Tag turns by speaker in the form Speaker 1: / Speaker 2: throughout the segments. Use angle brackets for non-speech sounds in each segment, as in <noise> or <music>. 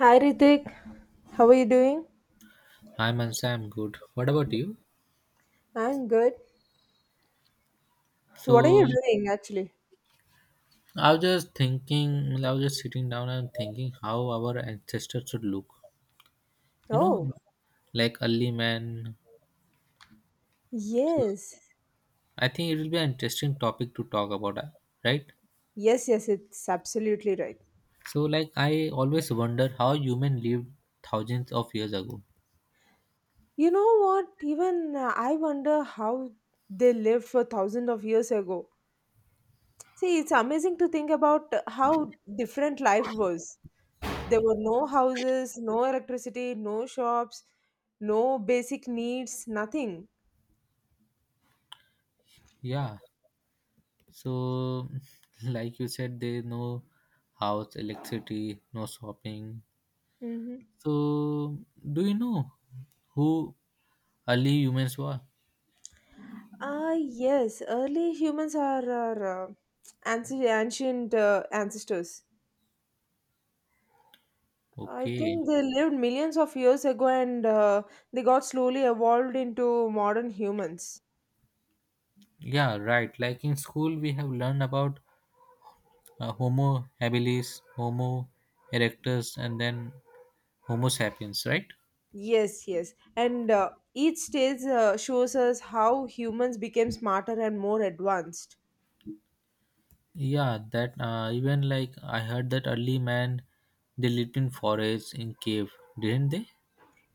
Speaker 1: Hi Ritik, how are you doing?
Speaker 2: Hi Mansa, I'm good. What about you?
Speaker 1: I'm good. What are
Speaker 2: So
Speaker 1: you doing actually?
Speaker 2: I was just thinking, I was just sitting down and thinking how our ancestors should look. You know,
Speaker 1: Oh,
Speaker 2: like early man. So,
Speaker 1: yes.
Speaker 2: I think it will be an interesting topic to talk about, right?
Speaker 1: Yes, yes, it's absolutely right.
Speaker 2: So like I always wonder how human lived thousands of years ago.
Speaker 1: You know what? Even I wonder how they lived for thousands of years ago. See, it's amazing to think about how different life was. There were no houses, no electricity, no shops, no basic needs, nothing.
Speaker 2: Yeah. So <laughs> like you said, there is no house, electricity, no shopping.
Speaker 1: Mhm.
Speaker 2: So do you know who early humans were?
Speaker 1: Ah, yes, early humans are our ancient ancestors. I
Speaker 2: Okay.
Speaker 1: think they lived millions of years ago and they got slowly evolved into modern humans.
Speaker 2: Yeah, right. Like in school, we have learned about Homo habilis, Homo erectus, and then Homo sapiens, right?
Speaker 1: Yes, yes. And each stage shows us how humans became smarter and more advanced.
Speaker 2: Yeah, that even like I heard that early man they lived in forests in cave, didn't they?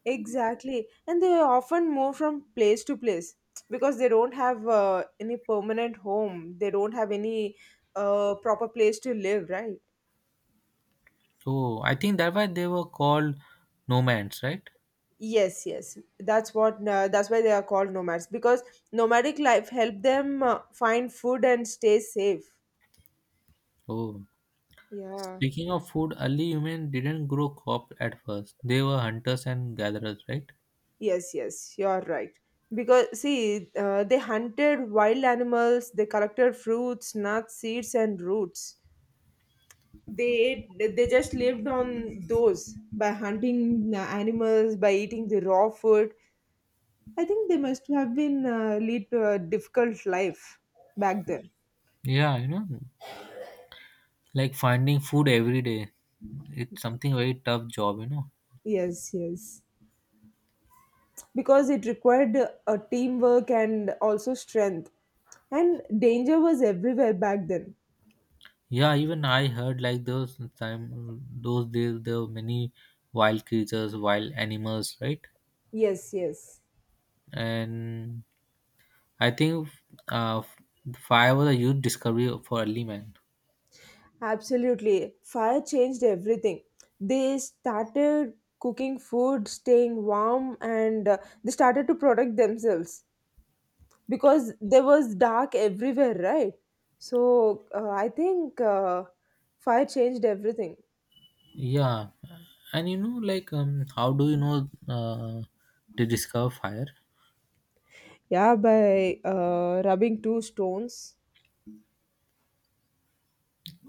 Speaker 1: Exactly. And they often move from place to place because they don't have any permanent home, they don't have any proper place to live, right?
Speaker 2: Oh, I think that why they were called nomads, right?
Speaker 1: Yes, yes. That's why they are called nomads because nomadic life help them find food and stay safe.
Speaker 2: Oh,
Speaker 1: Yeah.
Speaker 2: speaking of food, early human didn't grow crop at first. They were hunters and gatherers, right?
Speaker 1: Yes, yes. You are right. Because see, they hunted wild animals, they collected fruits, nuts, seeds and roots. They they just lived on those by hunting animals, by eating the raw food. I think they must have been lead to a difficult life back then.
Speaker 2: Yeah, you know, like finding food every day, it's something very tough job, you know.
Speaker 1: Yes, yes, because it required a teamwork and also strength. And danger was everywhere back then.
Speaker 2: Yeah, even I heard like those time those days there were many wild creatures, wild animals, right?
Speaker 1: Yes, yes,
Speaker 2: And I think uh, fire was a huge discovery for early man.
Speaker 1: absolutely. Fire changed everything. They started cooking food, staying warm, and they started to protect themselves because there was dark everywhere, right? So I think fire changed everything.
Speaker 2: Yeah, and you know, like, how do you know they discover fire?
Speaker 1: Yeah, by rubbing two stones,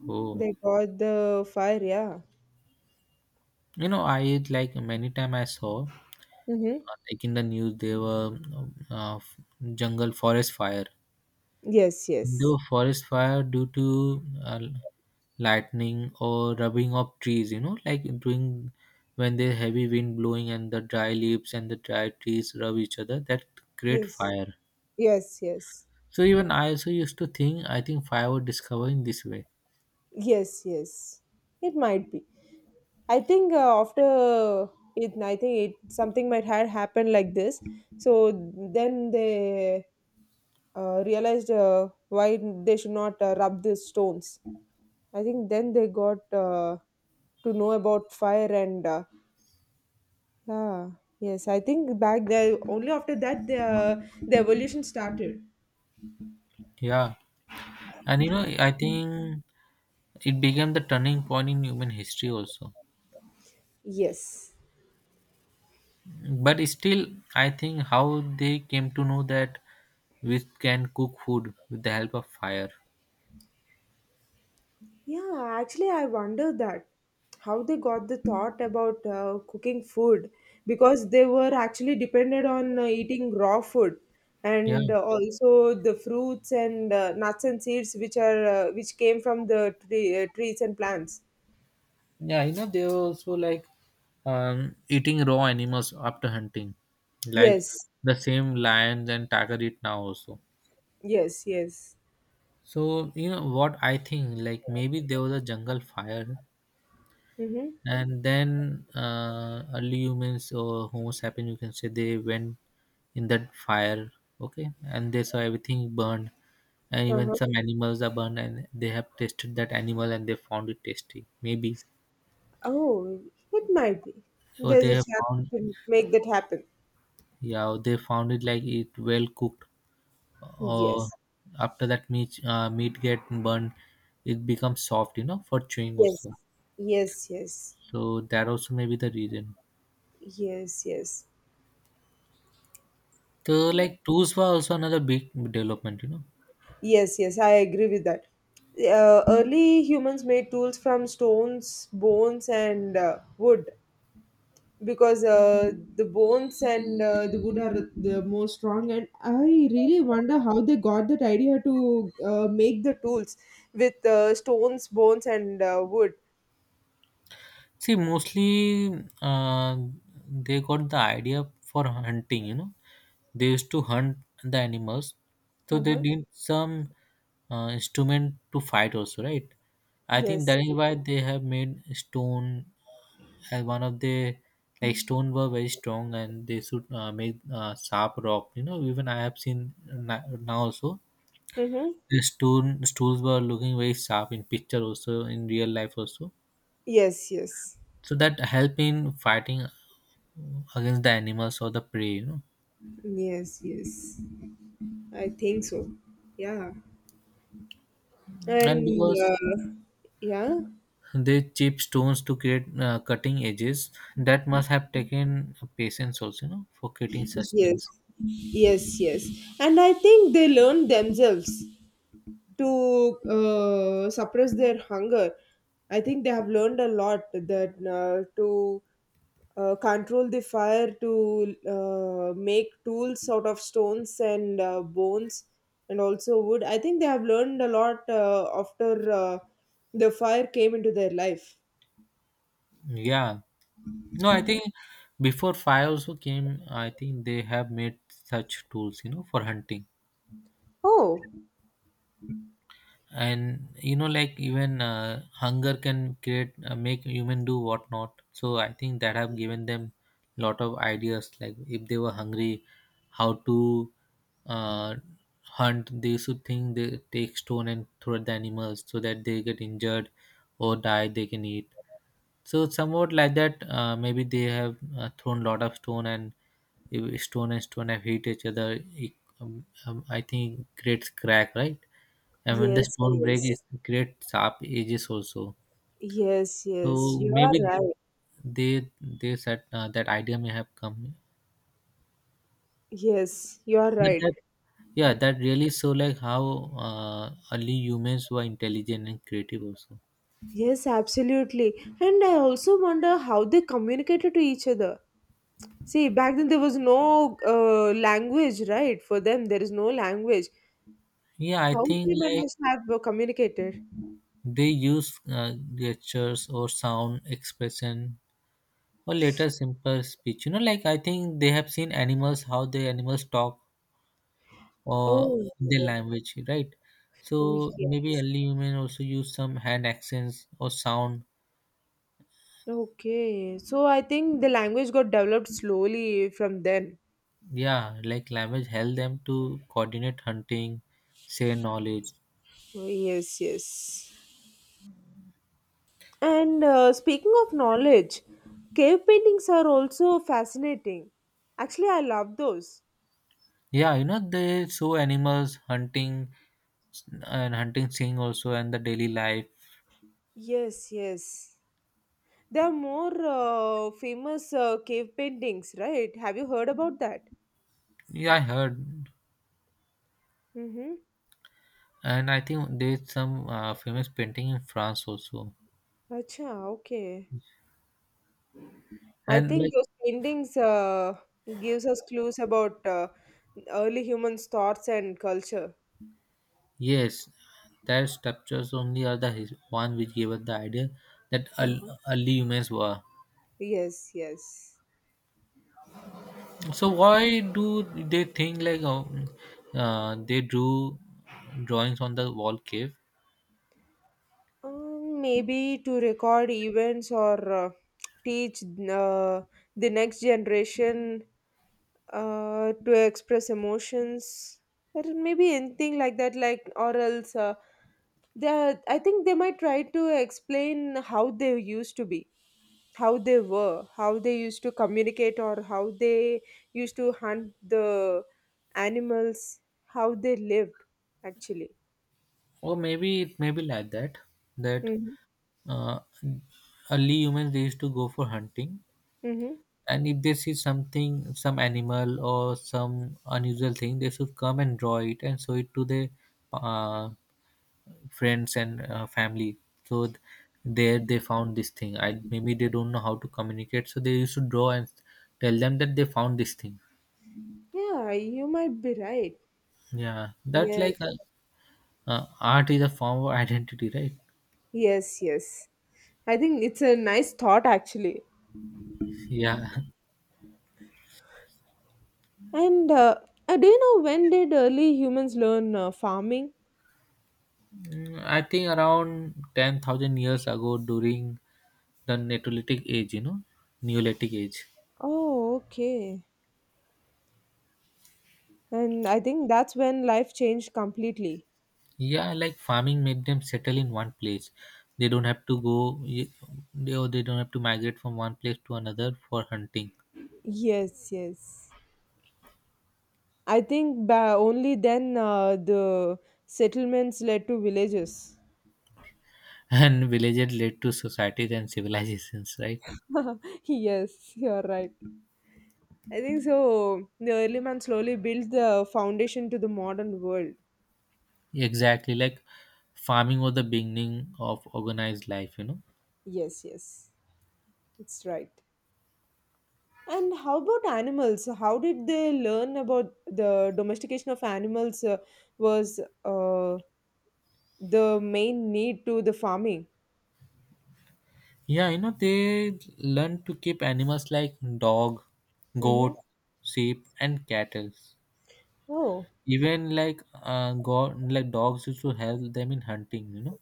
Speaker 2: Oh,
Speaker 1: they got the fire. Yeah.
Speaker 2: you know, I like many time I saw
Speaker 1: Mm-hmm.
Speaker 2: like in the news there were jungle forest fire.
Speaker 1: Yes, yes,
Speaker 2: The forest fire due to lightning or rubbing of trees, you know, like during when there's heavy wind blowing and the dry leaves and the dry trees rub each other, that create
Speaker 1: yes,
Speaker 2: fire.
Speaker 1: yes, yes,
Speaker 2: So even I also used to think, I think fire was discovered in this way.
Speaker 1: yes, yes. It might be. I think I think it something might had happened like this. So then they realized why they should not rub the stones. I think then they got to know about fire and yeah, yes. I think back there only after that the evolution started.
Speaker 2: Yeah. And you know, I think it became the turning point in human history also.
Speaker 1: Yes.
Speaker 2: But still, I think how they came to know that we can cook food with the help of fire.
Speaker 1: Yeah, actually, I wonder that how they got the thought about cooking food because they were actually dependent on eating raw food
Speaker 2: Yeah.
Speaker 1: and also the fruits and nuts and seeds which are which came from the trees and plants.
Speaker 2: Yeah, you know, they also like eating raw animals after hunting, like
Speaker 1: Yes,
Speaker 2: the same lions and tiger eat now also.
Speaker 1: yes, yes.
Speaker 2: So you know what I think? Like maybe there was a jungle fire,
Speaker 1: Mm-hmm.
Speaker 2: and then early humans or Homo sapiens, you can say, they went in that fire, okay, and they saw everything burned, and even
Speaker 1: Uh-huh.
Speaker 2: some animals are burned, and they have tasted that animal and they found it tasty. Maybe
Speaker 1: Oh, it might be.
Speaker 2: or
Speaker 1: There's
Speaker 2: they
Speaker 1: a
Speaker 2: have
Speaker 1: chance
Speaker 2: found.
Speaker 1: to make that happen.
Speaker 2: Yeah, they found it like it well cooked. Uh,
Speaker 1: Yes,
Speaker 2: after that meat meat get burned, it becomes soft, you know, for chewing
Speaker 1: yes,
Speaker 2: also.
Speaker 1: yes, yes,
Speaker 2: So that also may be the reason.
Speaker 1: yes, yes.
Speaker 2: So
Speaker 1: Yeah.
Speaker 2: like tools were also another big development, you know.
Speaker 1: Yes, yes, I agree with that. Early humans made tools from stones, bones, and wood because the bones and the wood are the most strong. And I really wonder how they got that idea to make the tools with stones, bones, and wood.
Speaker 2: See, mostly they got the idea for hunting, you know. They used to hunt the animals, so they
Speaker 1: Uh-huh.
Speaker 2: need some instrument to fight also, right? I think
Speaker 1: Yes.
Speaker 2: that is why they have made stone, and one of the like stone were very strong and they should make sharp rock, you know, even I have seen now also
Speaker 1: Mm-hmm.
Speaker 2: the stone stools were looking very sharp in picture also, in real life also,
Speaker 1: Yes, yes.
Speaker 2: so that help in fighting against the animals or the prey, you know.
Speaker 1: Yes, yes. I think so. Yeah.
Speaker 2: And
Speaker 1: And
Speaker 2: because
Speaker 1: yeah.
Speaker 2: they chip stones to create cutting edges, that must have taken patience also, you know, for creating such things.
Speaker 1: Yes, yes, yes. And I think they learn themselves to suppress their hunger. I think they have learned a lot that to control the fire, to make tools out of stones and bones, and also wood. I think they have learned a lot after the fire came into their life.
Speaker 2: Yeah, no, I think before fire also came, I think they have made such tools, you know, for hunting.
Speaker 1: Oh,
Speaker 2: And you know, like even hunger can create, make human do what not. So I think that have given them lot of ideas. Like if they were hungry, how to uh, hunt. They should think they take stone and throw at the animals so that they get injured or die. They can eat. So somewhat like that, maybe they have thrown lot of stone, and if stone and stone have hit each other. It, I think it creates crack, right? And when the
Speaker 1: yes,
Speaker 2: stone
Speaker 1: yes,
Speaker 2: break, it creates sharp edges also.
Speaker 1: yes,
Speaker 2: So
Speaker 1: yes. You are
Speaker 2: maybe
Speaker 1: right.
Speaker 2: they they said that idea may have come.
Speaker 1: Yes, you are
Speaker 2: But
Speaker 1: right.
Speaker 2: that, yeah, that really show like how early humans were intelligent and creative also.
Speaker 1: Yes, absolutely. And I also wonder how they communicated to each other. See, back then there was no language, right? For them, there is no language.
Speaker 2: Yeah, I
Speaker 1: How
Speaker 2: think
Speaker 1: they
Speaker 2: like
Speaker 1: must have communicated?
Speaker 2: they use gestures or sound expression or later simple speech, you know, like I think they have seen animals, how the animals talk or
Speaker 1: Oh,
Speaker 2: their
Speaker 1: yeah.
Speaker 2: language, right?
Speaker 1: Oh,
Speaker 2: So
Speaker 1: yeah.
Speaker 2: maybe early human also use some hand accents or sound.
Speaker 1: Okay. So I think the language got developed slowly from then.
Speaker 2: Yeah, like language help them to coordinate hunting, share knowledge.
Speaker 1: Oh, yes, yes. And speaking of knowledge, cave paintings are also fascinating. Actually, I love those.
Speaker 2: Yeah, you know, they show animals hunting and hunting scene also and the daily life.
Speaker 1: Yes, yes. There are more famous cave paintings, right? Have you heard about that?
Speaker 2: Yeah, I heard,
Speaker 1: Mm-hmm.
Speaker 2: and I think there's some famous painting in France also,
Speaker 1: Acha, okay. I
Speaker 2: and
Speaker 1: think
Speaker 2: like.
Speaker 1: those paintings gives us clues about early humans' thoughts and culture.
Speaker 2: Yes, their structures only are the one which gave us the idea that
Speaker 1: Mhm.
Speaker 2: early humans were.
Speaker 1: Yes, yes.
Speaker 2: So why do they think like they drew drawings on the wall cave?
Speaker 1: Maybe to record events or teach the next generation to express emotions or maybe anything like that like or else I think they might try to explain how they used to be, how they were, how they used to communicate or how they used to hunt the animals, how they lived actually.
Speaker 2: Or maybe it may be like that that
Speaker 1: Mm-hmm.
Speaker 2: uh, early humans they used to go for hunting,
Speaker 1: Mm-hmm.
Speaker 2: and if they see something, some animal or some unusual thing, they should come and draw it and show it to the uh, friends and family. So, there they found this thing, I maybe they don't know how to communicate, so they used to draw and tell them that they found this thing.
Speaker 1: Yeah, you might be right.
Speaker 2: Yeah, that
Speaker 1: Yes,
Speaker 2: like art is a form of identity, right?
Speaker 1: yes, yes, I think it's a nice thought actually.
Speaker 2: Yeah.
Speaker 1: And do you know when did early humans learn farming?
Speaker 2: Mm, I think around 10,000 years ago during the neolithic age, you know, neolithic age.
Speaker 1: Oh, okay. And I think that's when life changed completely.
Speaker 2: Yeah, like farming made them settle in one place, they don't have to go, they, or they don't have to migrate from one place to another for hunting.
Speaker 1: Yes, yes. I think by only then the settlements led to villages.
Speaker 2: And villages led to societies and civilizations, right?
Speaker 1: <laughs> Yes, you're right. I think so. The early man slowly built the foundation to the modern world.
Speaker 2: Exactly, like farming was the beginning of organized life, you know.
Speaker 1: Yes, yes. It's right. And how about animals? How did they learn about the domestication of animals was uh, the main need to the farming?
Speaker 2: Yeah, you know, they learned to keep animals like dog,
Speaker 1: Mm-hmm.
Speaker 2: goat, sheep and cattle.
Speaker 1: Oh,
Speaker 2: Even like go like dogs used to help them in hunting, you know.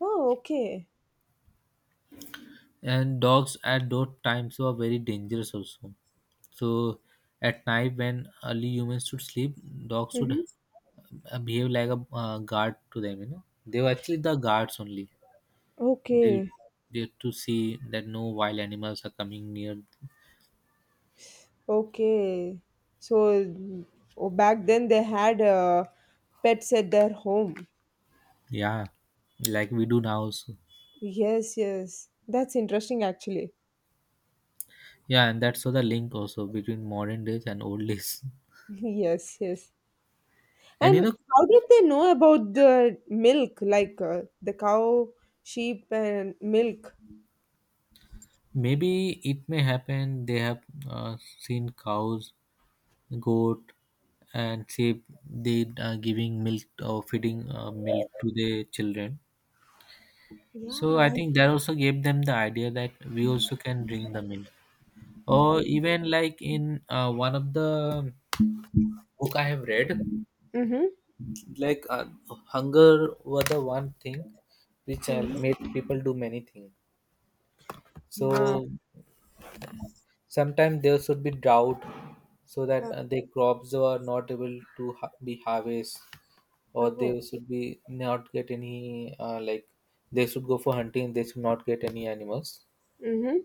Speaker 1: oh, okay.
Speaker 2: And dogs at those times were very dangerous also, so at night when early humans should sleep, dogs should
Speaker 1: Mm-hmm.
Speaker 2: behave like a guard to them, you know, they were actually the guards only. they
Speaker 1: Okay,
Speaker 2: they had to see that no wild animals are coming near.
Speaker 1: okay. So mm, oh, back then they had pets at their home.
Speaker 2: Yeah, like we do now also.
Speaker 1: Yes, yes. That's interesting, actually.
Speaker 2: Yeah, and that's so the link also between modern days and old days.
Speaker 1: <laughs> Yes, yes.
Speaker 2: <laughs> And
Speaker 1: And
Speaker 2: you know,
Speaker 1: how did they know about the milk, like the cow, sheep, and milk?
Speaker 2: maybe it may happen they have seen cows, goat, and say they are giving milk or feeding milk to their children. So I
Speaker 1: Yeah.
Speaker 2: think that also gave them the idea that we also can drink the milk. Or even like in one of the book I have read,
Speaker 1: Mm-hmm.
Speaker 2: like hunger was the one thing which made people do many things.
Speaker 1: Yeah.
Speaker 2: So sometimes there should be drought so that the crops were not able to be harvest, or
Speaker 1: Oh.
Speaker 2: they should be not get any like they should go for hunting, they should not get any animals.
Speaker 1: Mm-hmm.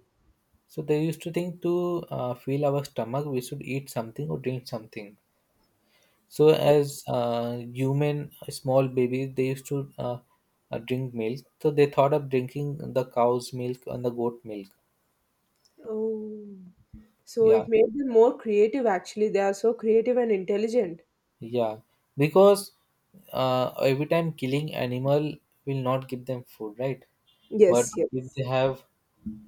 Speaker 2: So they used to think to fill our stomach we should eat something or drink something. So as human small babies they used to drink milk, so they thought of drinking the cow's milk and the goat milk.
Speaker 1: Oh. So
Speaker 2: Yeah.
Speaker 1: it made them more creative actually. They are so creative and intelligent.
Speaker 2: Yeah, because every time killing animal will not give them food, right? But
Speaker 1: Yes,
Speaker 2: if they
Speaker 1: yes.
Speaker 2: have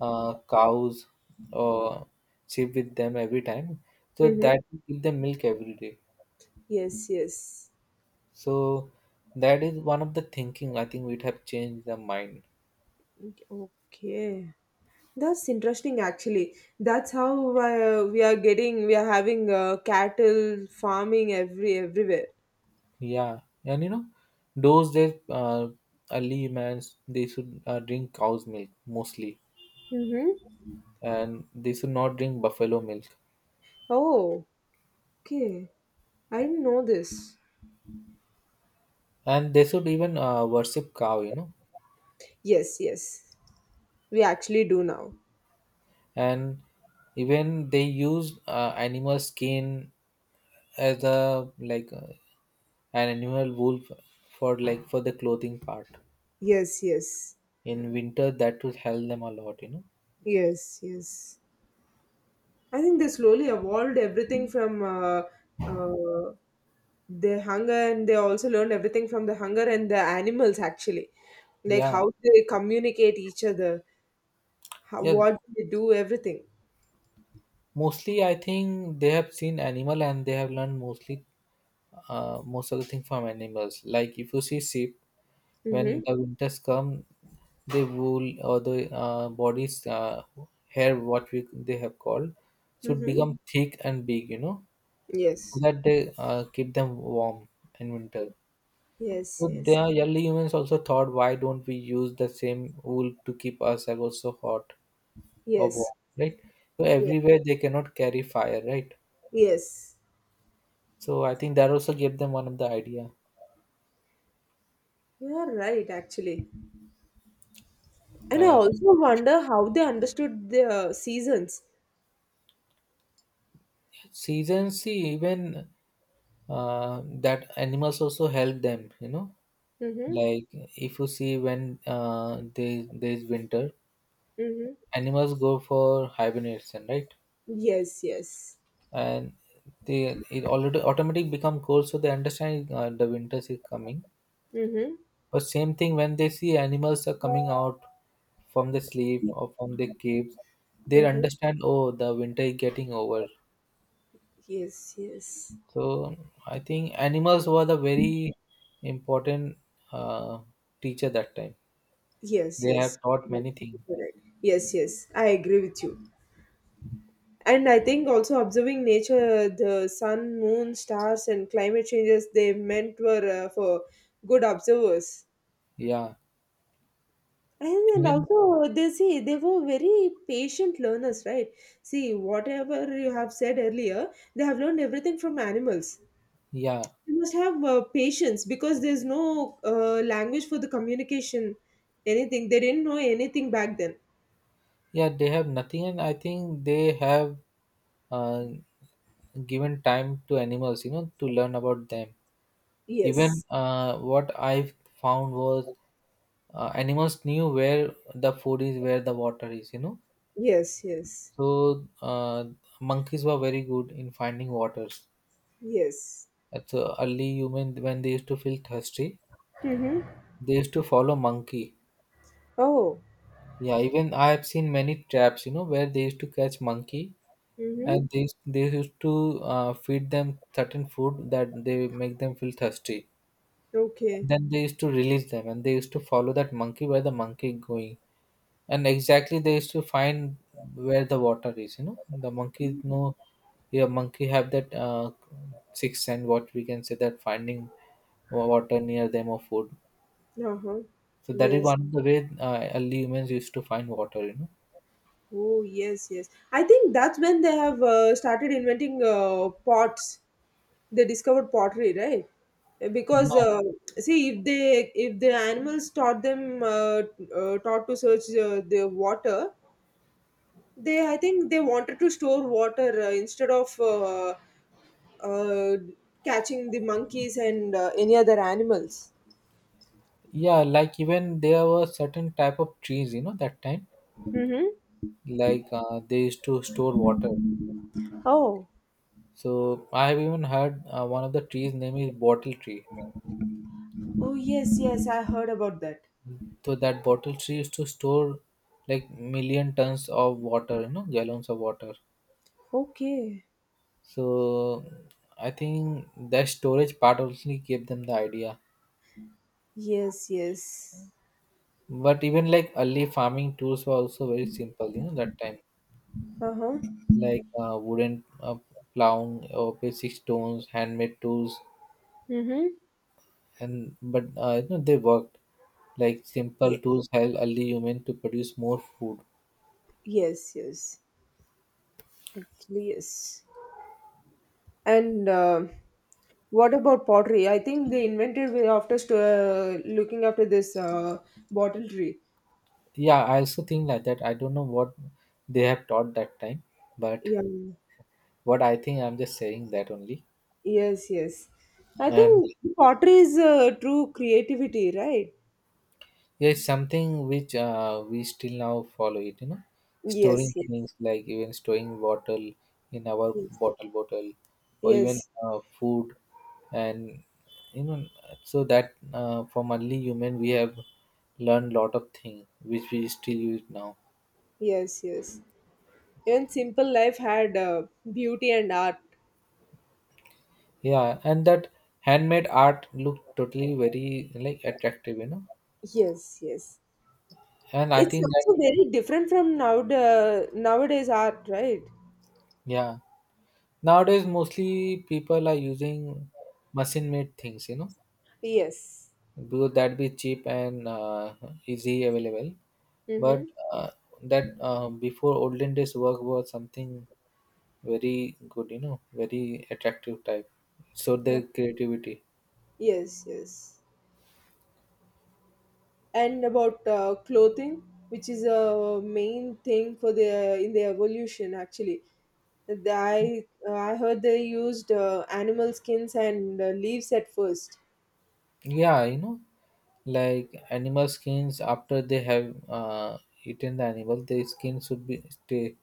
Speaker 2: cows or sheep with them every time, so
Speaker 1: Mm-hmm.
Speaker 2: that will give them milk every day.
Speaker 1: Yes, yes.
Speaker 2: So that is one of the thinking I think we'd have changed the mind.
Speaker 1: Okay. That's interesting actually. That's how we are having cattle farming everywhere.
Speaker 2: Yeah, and you know, those days early mans they should drink cow's milk mostly,
Speaker 1: Mm-hmm.
Speaker 2: and they should not drink buffalo milk.
Speaker 1: Oh. Okay, I didn't know this.
Speaker 2: And they should even worship cow, you know.
Speaker 1: Yes, yes, we actually do now.
Speaker 2: And even they use animal skin as a like an animal wool for like for the clothing part
Speaker 1: Yes, yes,
Speaker 2: in winter, that would help them a lot, you know.
Speaker 1: yes, yes. I think they slowly evolved everything from uh, their hunger, and they also learned everything from the hunger and the animals actually, like
Speaker 2: Yeah,
Speaker 1: how they communicate each other, how,
Speaker 2: yeah,
Speaker 1: what they do, everything.
Speaker 2: mostly I think they have seen animal and they have learned mostly most of the thing from animals. Like if you see sheep, when
Speaker 1: Mm-hmm.
Speaker 2: the winters come, the wool or the body's hair, what we they have called, should
Speaker 1: Mm-hmm.
Speaker 2: become thick and big, you know, so
Speaker 1: Yes.
Speaker 2: that they keep them warm in winter. So
Speaker 1: Yes. Yes.
Speaker 2: the early humans also thought, why don't we use the same wool to keep ourselves also hot or
Speaker 1: Yes.
Speaker 2: warm, right? So
Speaker 1: Yeah.
Speaker 2: everywhere they cannot carry fire, right?
Speaker 1: Yes.
Speaker 2: So I think that also gave them one of the idea.
Speaker 1: You are right, actually. And I
Speaker 2: And
Speaker 1: also wonder how they understood the seasons.
Speaker 2: seasons, see, even that animals also help them, you know.
Speaker 1: Mm-hmm.
Speaker 2: Like if you see when there's winter,
Speaker 1: Mm-hmm.
Speaker 2: animals go for hibernation, right?
Speaker 1: Yes, yes.
Speaker 2: And they it already automatic become cold, so they understand the winter is coming.
Speaker 1: Mm-hmm.
Speaker 2: But same thing when they see animals are coming out from the sleep or from the caves, they
Speaker 1: Mm-hmm.
Speaker 2: understand. Oh, the winter is getting over.
Speaker 1: Yes, yes.
Speaker 2: So I think animals were the very important uh, teacher that time.
Speaker 1: Yes,
Speaker 2: They
Speaker 1: yes.
Speaker 2: have taught
Speaker 1: You're
Speaker 2: many
Speaker 1: absolutely
Speaker 2: things.
Speaker 1: correct. Yes, yes. I agree with you. And I think also observing nature, the sun, moon, stars, and climate changes they meant were for good observers.
Speaker 2: Yeah,
Speaker 1: And then
Speaker 2: even
Speaker 1: also, they see they were very patient learners, right? See, whatever you have said earlier, they have learned everything from animals.
Speaker 2: yeah.
Speaker 1: You must have patience because there's no language for the communication, anything. They didn't know anything back then.
Speaker 2: Yeah, they have nothing, and I think they have uh, given time to animals, you know, to learn about them. Even
Speaker 1: Yes,
Speaker 2: what I found was animals knew where the food is, where the water is.
Speaker 1: yes, yes,
Speaker 2: So monkeys were very good in finding waters.
Speaker 1: yes.
Speaker 2: At the early human, when they used to feel thirsty,
Speaker 1: Mm-hmm.
Speaker 2: they used to follow monkey.
Speaker 1: Oh,
Speaker 2: Yeah, even I have seen many traps, you know, where they used to catch monkey, and
Speaker 1: mm-hmm.
Speaker 2: they used to feed them certain food that they make them feel thirsty, and
Speaker 1: Okay.
Speaker 2: then they used to release them, and they used to follow that monkey where the monkey going, and exactly they used to find where the water is. The monkey know. Yeah, monkey have that sixth sense what we can say that finding water near them or food.
Speaker 1: Uh-huh.
Speaker 2: So that is
Speaker 1: Yes.
Speaker 2: one of the way early humans used to find water.
Speaker 1: Oh, yes, yes. I think that's when they have started inventing pots, they discovered pottery, right?
Speaker 2: Yeah,
Speaker 1: Because see if they, if the animals taught them taught to search the water, they, I think they wanted to store water instead of uh, catching the monkeys and any other animals.
Speaker 2: yeah. Like even there were certain type of trees that time.
Speaker 1: Mm-hmm.
Speaker 2: Like they used to store water.
Speaker 1: Oh,
Speaker 2: So I have even heard one of the trees name is bottle tree.
Speaker 1: oh yes, yes I heard about that.
Speaker 2: So that bottle tree used to store like million tons of water, gallons of water.
Speaker 1: Okay.
Speaker 2: So I think that storage part also gave them the idea.
Speaker 1: Yes, yes.
Speaker 2: But even like early farming tools were also very simple that time.
Speaker 1: Uh-huh.
Speaker 2: Like wooden plow or basic stones handmade tools.
Speaker 1: Mm-hmm.
Speaker 2: And but they worked. Like simple
Speaker 1: Yes,
Speaker 2: tools help early human to produce more food.
Speaker 1: yes, yes, actually yes. And what about pottery? I think they invented way after looking after this bottle tree.
Speaker 2: Yeah, I also think like that. I don't know what they have taught that time, but
Speaker 1: Yeah.
Speaker 2: what I think I'm just saying that only.
Speaker 1: Yes, yes. I
Speaker 2: And
Speaker 1: think pottery is true creativity, right?
Speaker 2: yeah, something which we still now follow it, storing
Speaker 1: Yes, yes,
Speaker 2: things like even storing bottle in our
Speaker 1: yes,
Speaker 2: bottle or even
Speaker 1: yes,
Speaker 2: food. And you know so that from early human we have learned lot of things which we still use now.
Speaker 1: yes, yes. Even simple life had beauty and art.
Speaker 2: Yeah, and that handmade art looked totally very like attractive.
Speaker 1: Yes, yes.
Speaker 2: And I
Speaker 1: It's
Speaker 2: think that.
Speaker 1: also very different from now, the nowadays art, right?
Speaker 2: Yeah, nowadays mostly people are using machine made things.
Speaker 1: Yes.
Speaker 2: Because that be cheap and easy available. But
Speaker 1: Mm-hmm.
Speaker 2: uh, that before olden days work was something very good, very attractive type. So the creativity.
Speaker 1: Yes, yes, and about clothing which is a main thing for the in the evolution actually. The- i I heard they used animal skins and leaves at first.
Speaker 2: Yeah, like animal skins after they have eaten the animal, the skin should be stay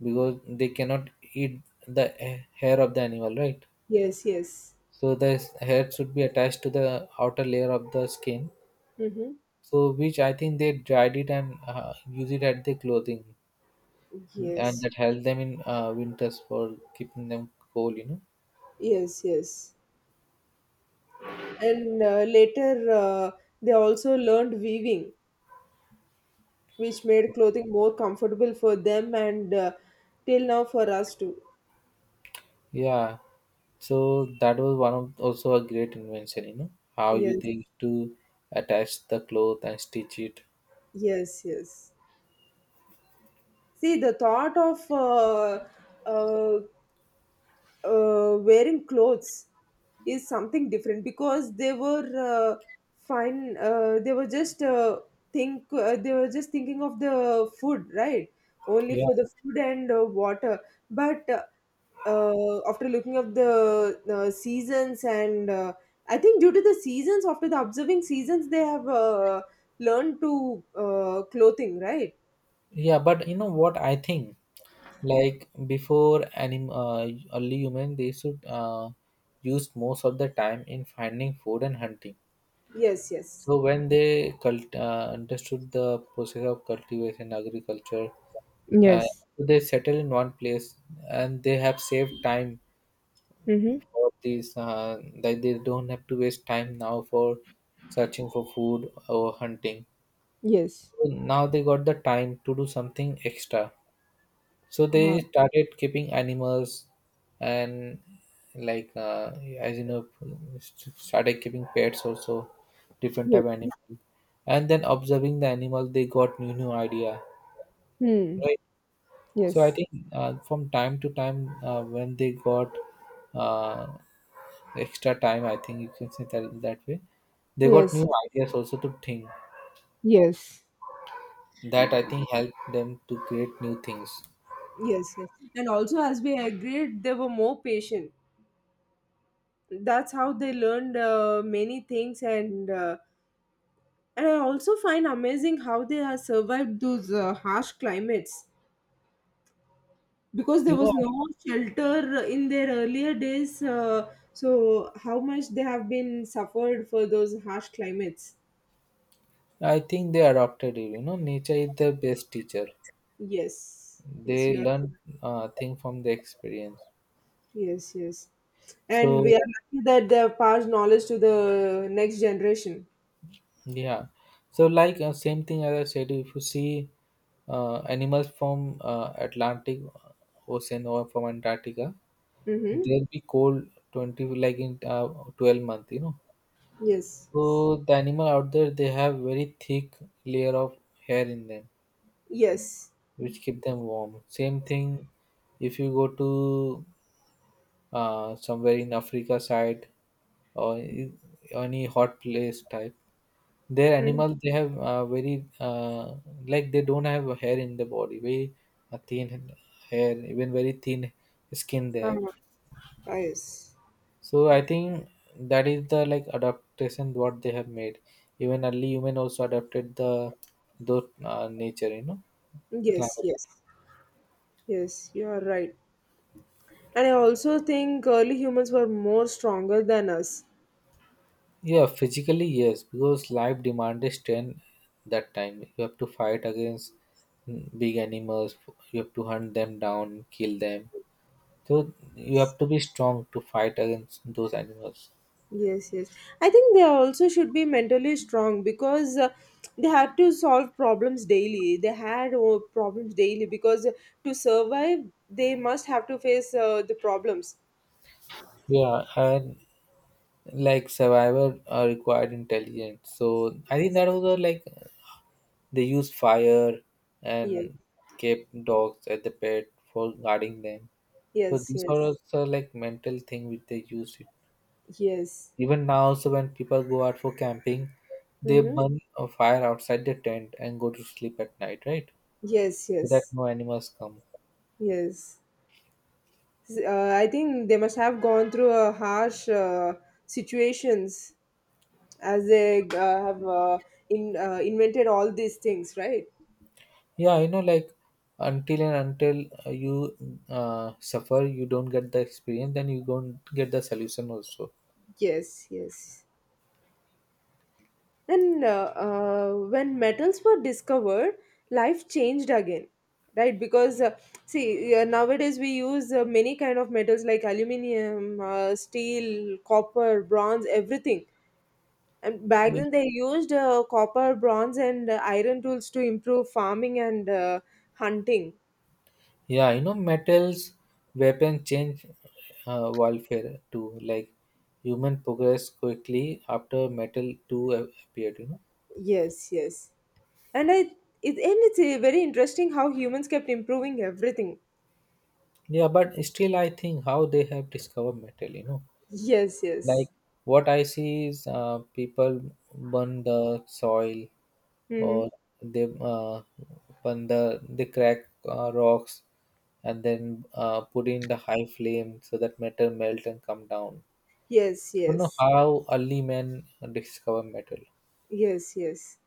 Speaker 2: because they cannot eat the hair of the animal, right?
Speaker 1: Yes, yes.
Speaker 2: So the hair should be attached to the outer layer of the skin.
Speaker 1: Mm-hmm.
Speaker 2: So, which I think they dried it and use it at their clothing, and
Speaker 1: Yes,
Speaker 2: that helped them in winters for keeping them cool.
Speaker 1: yes, yes. And later uh, they also learned weaving which made clothing more comfortable for them and till now for us too.
Speaker 2: Yeah. So that was one of also a great invention. How you
Speaker 1: Yes,
Speaker 2: think to attach the cloth and stitch it.
Speaker 1: yes, yes. See, the thought of uh, wearing clothes is something different because they were fine. They were just think. They were just thinking of the food, right? Only
Speaker 2: Yeah,
Speaker 1: for the food and water. But after looking up the seasons and I think due to the seasons, after the observing seasons, they have learned to clothing, right?
Speaker 2: yeah. But you know what I think. Like before, anim early human, they should use most of the time in finding food and hunting.
Speaker 1: Yes, yes.
Speaker 2: So when they understood the process of cultivation, agriculture, uh,
Speaker 1: Yes.
Speaker 2: so they settle in one place, and they have saved time
Speaker 1: Mm-hmm.
Speaker 2: for these. Like they don't have to waste time now for searching for food or hunting.
Speaker 1: Yes.
Speaker 2: So now they got the time to do something extra, so
Speaker 1: Uh,
Speaker 2: they started keeping animals, and like as you know started keeping pets also different
Speaker 1: yes.
Speaker 2: type of animal. And then observing the animal they got new idea,
Speaker 1: Hmm.
Speaker 2: right? So I
Speaker 1: Yes.
Speaker 2: think from time to time when they got uh, extra time, I think you can say that that way they got new
Speaker 1: Yes.
Speaker 2: ideas also to think
Speaker 1: Yes.
Speaker 2: that I think helped them to create new things
Speaker 1: Yes, yes. And also, as we agreed, they were more patient. That's how they learned many things, and I also find amazing how they have survived those harsh climates because there
Speaker 2: you know
Speaker 1: was no shelter in their earlier days. So how much they have been suffered for those harsh climates?
Speaker 2: I think they adopted it. Nature is the best teacher.
Speaker 1: Yes, yes,
Speaker 2: They
Speaker 1: you are.
Speaker 2: learn thing from the experience.
Speaker 1: Yes, yes. And we are
Speaker 2: So
Speaker 1: lucky that they have passed knowledge to the next generation.
Speaker 2: yeah, so like same thing as I said. If you see animals from Atlantic Ocean or from Antarctica,
Speaker 1: Mm-hmm.
Speaker 2: they'll be cold 20 like in 12 month.
Speaker 1: Yes.
Speaker 2: So the animal out there they have very thick layer of hair in them,
Speaker 1: Yes.
Speaker 2: which keep them warm. Same thing if you go to somewhere in Africa side or any hot place type. Their
Speaker 1: Mm.
Speaker 2: animals they have very like they don't have a hair in the body, very thin hair, even very thin skin they have.
Speaker 1: Uh, yes.
Speaker 2: So I think that is the like adaptation what they have made. Even early human also adapted the those nature,
Speaker 1: Yes,
Speaker 2: climate.
Speaker 1: yes. Yes, you are right. And I also think early humans were more stronger than us.
Speaker 2: Yeah, physically, yes, because life demanded strength that time. You have to fight against big animals, you have to hunt them down, kill them. So you have to be strong to fight against those animals.
Speaker 1: Yes, yes. I think they also should be mentally strong because they had to solve problems daily. They had problems daily because to survive, they must have to face the problems.
Speaker 2: Yeah, and like survivor required intelligence. So I think that was a, like they used fire
Speaker 1: Yes,
Speaker 2: and kept dogs at the pet for guarding them. So
Speaker 1: yes,
Speaker 2: these are
Speaker 1: yes,
Speaker 2: also like mental thing which they used.
Speaker 1: yes.
Speaker 2: Even now, also when people go out for camping, they
Speaker 1: Mm-hmm.
Speaker 2: burn a fire outside their tent and go to sleep at night, right?
Speaker 1: Yes,
Speaker 2: So that
Speaker 1: yes,
Speaker 2: no animals come.
Speaker 1: yes. I think they must have gone through a harsh situations as they have in invented all these things, right?
Speaker 2: Yeah, like until and until you suffer, you don't get the experience, then you don't get the solution also.
Speaker 1: Yes, yes. And when metals were discovered, life changed again, right? Because see, nowadays we use many kind of metals like aluminium, steel, copper, bronze, everything. And back
Speaker 2: Yeah.
Speaker 1: then, they used copper, bronze, and iron tools to improve farming and hunting.
Speaker 2: Yeah, metals, weapons change warfare too. Like human progress quickly after metal two appeared.
Speaker 1: Yes, yes. And I, and it's very interesting how humans kept improving everything.
Speaker 2: Yeah, but still, I think how they have discovered metal.
Speaker 1: Yes,
Speaker 2: Like
Speaker 1: yes.
Speaker 2: what I see is people burn the soil,
Speaker 1: Hmm.
Speaker 2: or they burn the they crack rocks, and then put in the high flame so that metal melt and come down.
Speaker 1: Yes,
Speaker 2: I don't know
Speaker 1: yes.
Speaker 2: how early men discover metal.
Speaker 1: Yes, yes.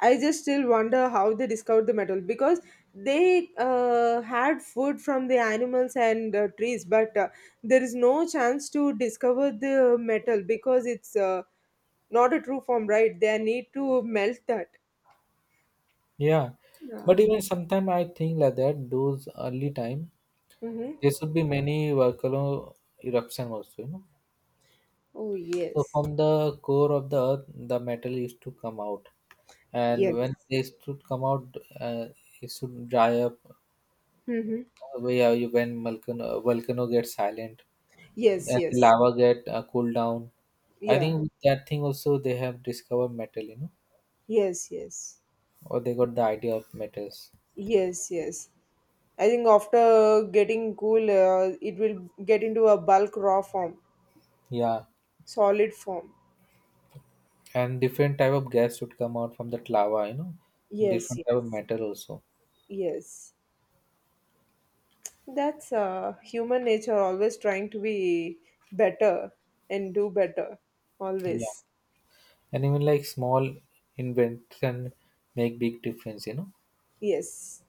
Speaker 1: I just still wonder how they discovered the metal because they had food from the animals and trees, but there is no chance to discover the metal because it's not a true form, right? They need to melt that.
Speaker 2: Yeah,
Speaker 1: Yeah.
Speaker 2: but even sometime I think like that. Those early time
Speaker 1: Mm-hmm.
Speaker 2: there should be many volcano eruption also.
Speaker 1: Oh,
Speaker 2: So
Speaker 1: yes.
Speaker 2: from the core of the earth, the metal used to come out, and
Speaker 1: Yes.
Speaker 2: when they should come out, it should dry up.
Speaker 1: Mm-hmm.
Speaker 2: Way are you when volcano gets silent
Speaker 1: Yes,
Speaker 2: and the
Speaker 1: yes.
Speaker 2: lava get cooled down. I
Speaker 1: Yeah.
Speaker 2: think with that thing also they have discovered metal,
Speaker 1: Yes, yes.
Speaker 2: or they got the idea of metals.
Speaker 1: Yes, yes. I think after getting cool, it will get into a bulk raw form,
Speaker 2: Yeah,
Speaker 1: solid form.
Speaker 2: and different type of gas should come out from that lava,
Speaker 1: Yes,
Speaker 2: different
Speaker 1: yes,
Speaker 2: type of metal also.
Speaker 1: yes. That's human nature always trying to be better and do better.
Speaker 2: Yeah,
Speaker 1: Always.
Speaker 2: and even like small invention make big difference.
Speaker 1: Yes.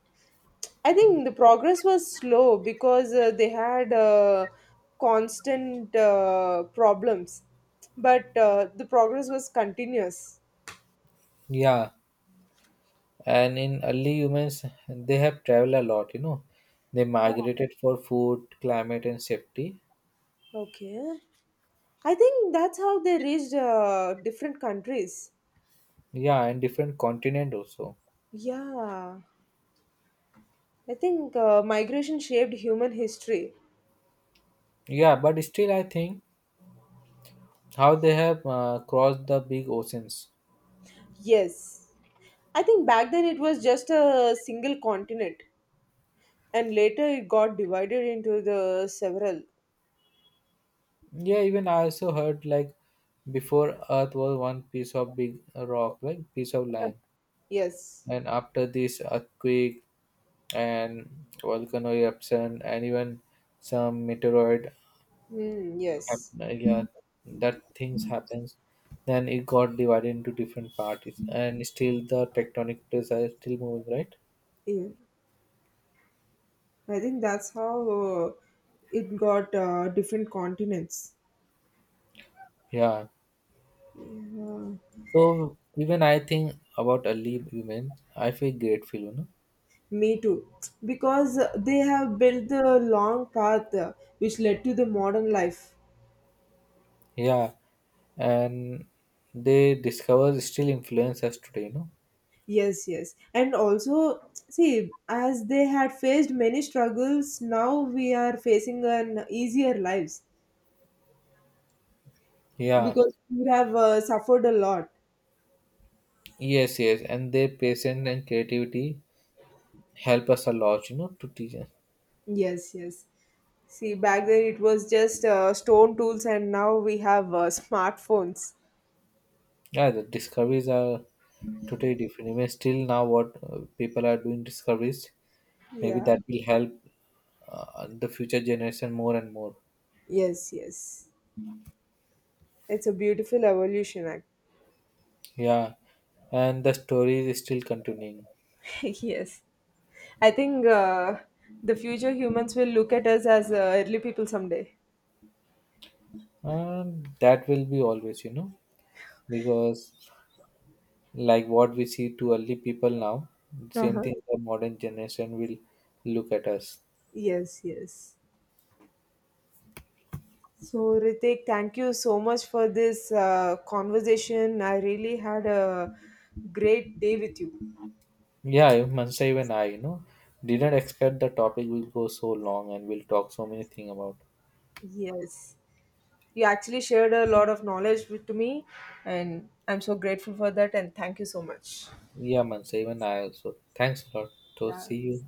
Speaker 1: I think the progress was slow because they had constant problems, but the progress was continuous.
Speaker 2: Yeah. And in early humans, they have traveled a lot. They
Speaker 1: Oh,
Speaker 2: migrated for food, climate, and safety.
Speaker 1: okay. I think that's how they reached different countries.
Speaker 2: Yeah, and different continent also.
Speaker 1: Yeah. I think migration shaped human history.
Speaker 2: Yeah, but still, I think how they have crossed the big oceans.
Speaker 1: Yes. I think back then it was just a single continent and later it got divided into the several.
Speaker 2: Yeah, even I also heard like before Earth was one piece of big rock, like piece of land,
Speaker 1: Yes.
Speaker 2: and after this earthquake and volcano eruption, and even some meteoroid
Speaker 1: Hmm, yes.
Speaker 2: yeah, that things happens. Then it got divided into different parties, and still the tectonic plates are still moving, right?
Speaker 1: Yeah. I think that's how it got different continents.
Speaker 2: Yeah,
Speaker 1: Uh,
Speaker 2: so even I think about early women I feel grateful.
Speaker 1: Me too. Because they have built the long path which led to the modern life.
Speaker 2: Yeah, and they discover still influence us today.
Speaker 1: Yes, yes. And also, see, as they had faced many struggles, now we are facing an easier lives
Speaker 2: Yeah,
Speaker 1: because we have suffered a lot.
Speaker 2: yes, yes, and their patience and creativity help us a lot, to teach us.
Speaker 1: Yes, yes. See, back then it was just stone tools, and now we have smartphones.
Speaker 2: Yeah, the discoveries are totally different, even still now what people are doing discoveries. Maybe
Speaker 1: Yeah.
Speaker 2: that will help the future generation more and more.
Speaker 1: Yes, yes. It's a beautiful evolution, act.
Speaker 2: Yeah, and the story is still continuing.
Speaker 1: <laughs> Yes. I think the future humans will look at us as early people someday.
Speaker 2: And that will be always, because like what we see to early people now, same
Speaker 1: Uh-huh.
Speaker 2: thing the modern generation will look at us.
Speaker 1: Yes, yes. So, Ritik, thank you so much for this conversation. I really had a great day with you.
Speaker 2: Yeah, even Mansa, even I, didn't expect the topic will go so long and we'll talk so many things about.
Speaker 1: Yes. You actually shared a lot of knowledge with to me, and I'm so grateful for that. And thank you so much.
Speaker 2: Yeah, Mansa, even I also. Thanks a lot. So
Speaker 1: Yeah.
Speaker 2: see you.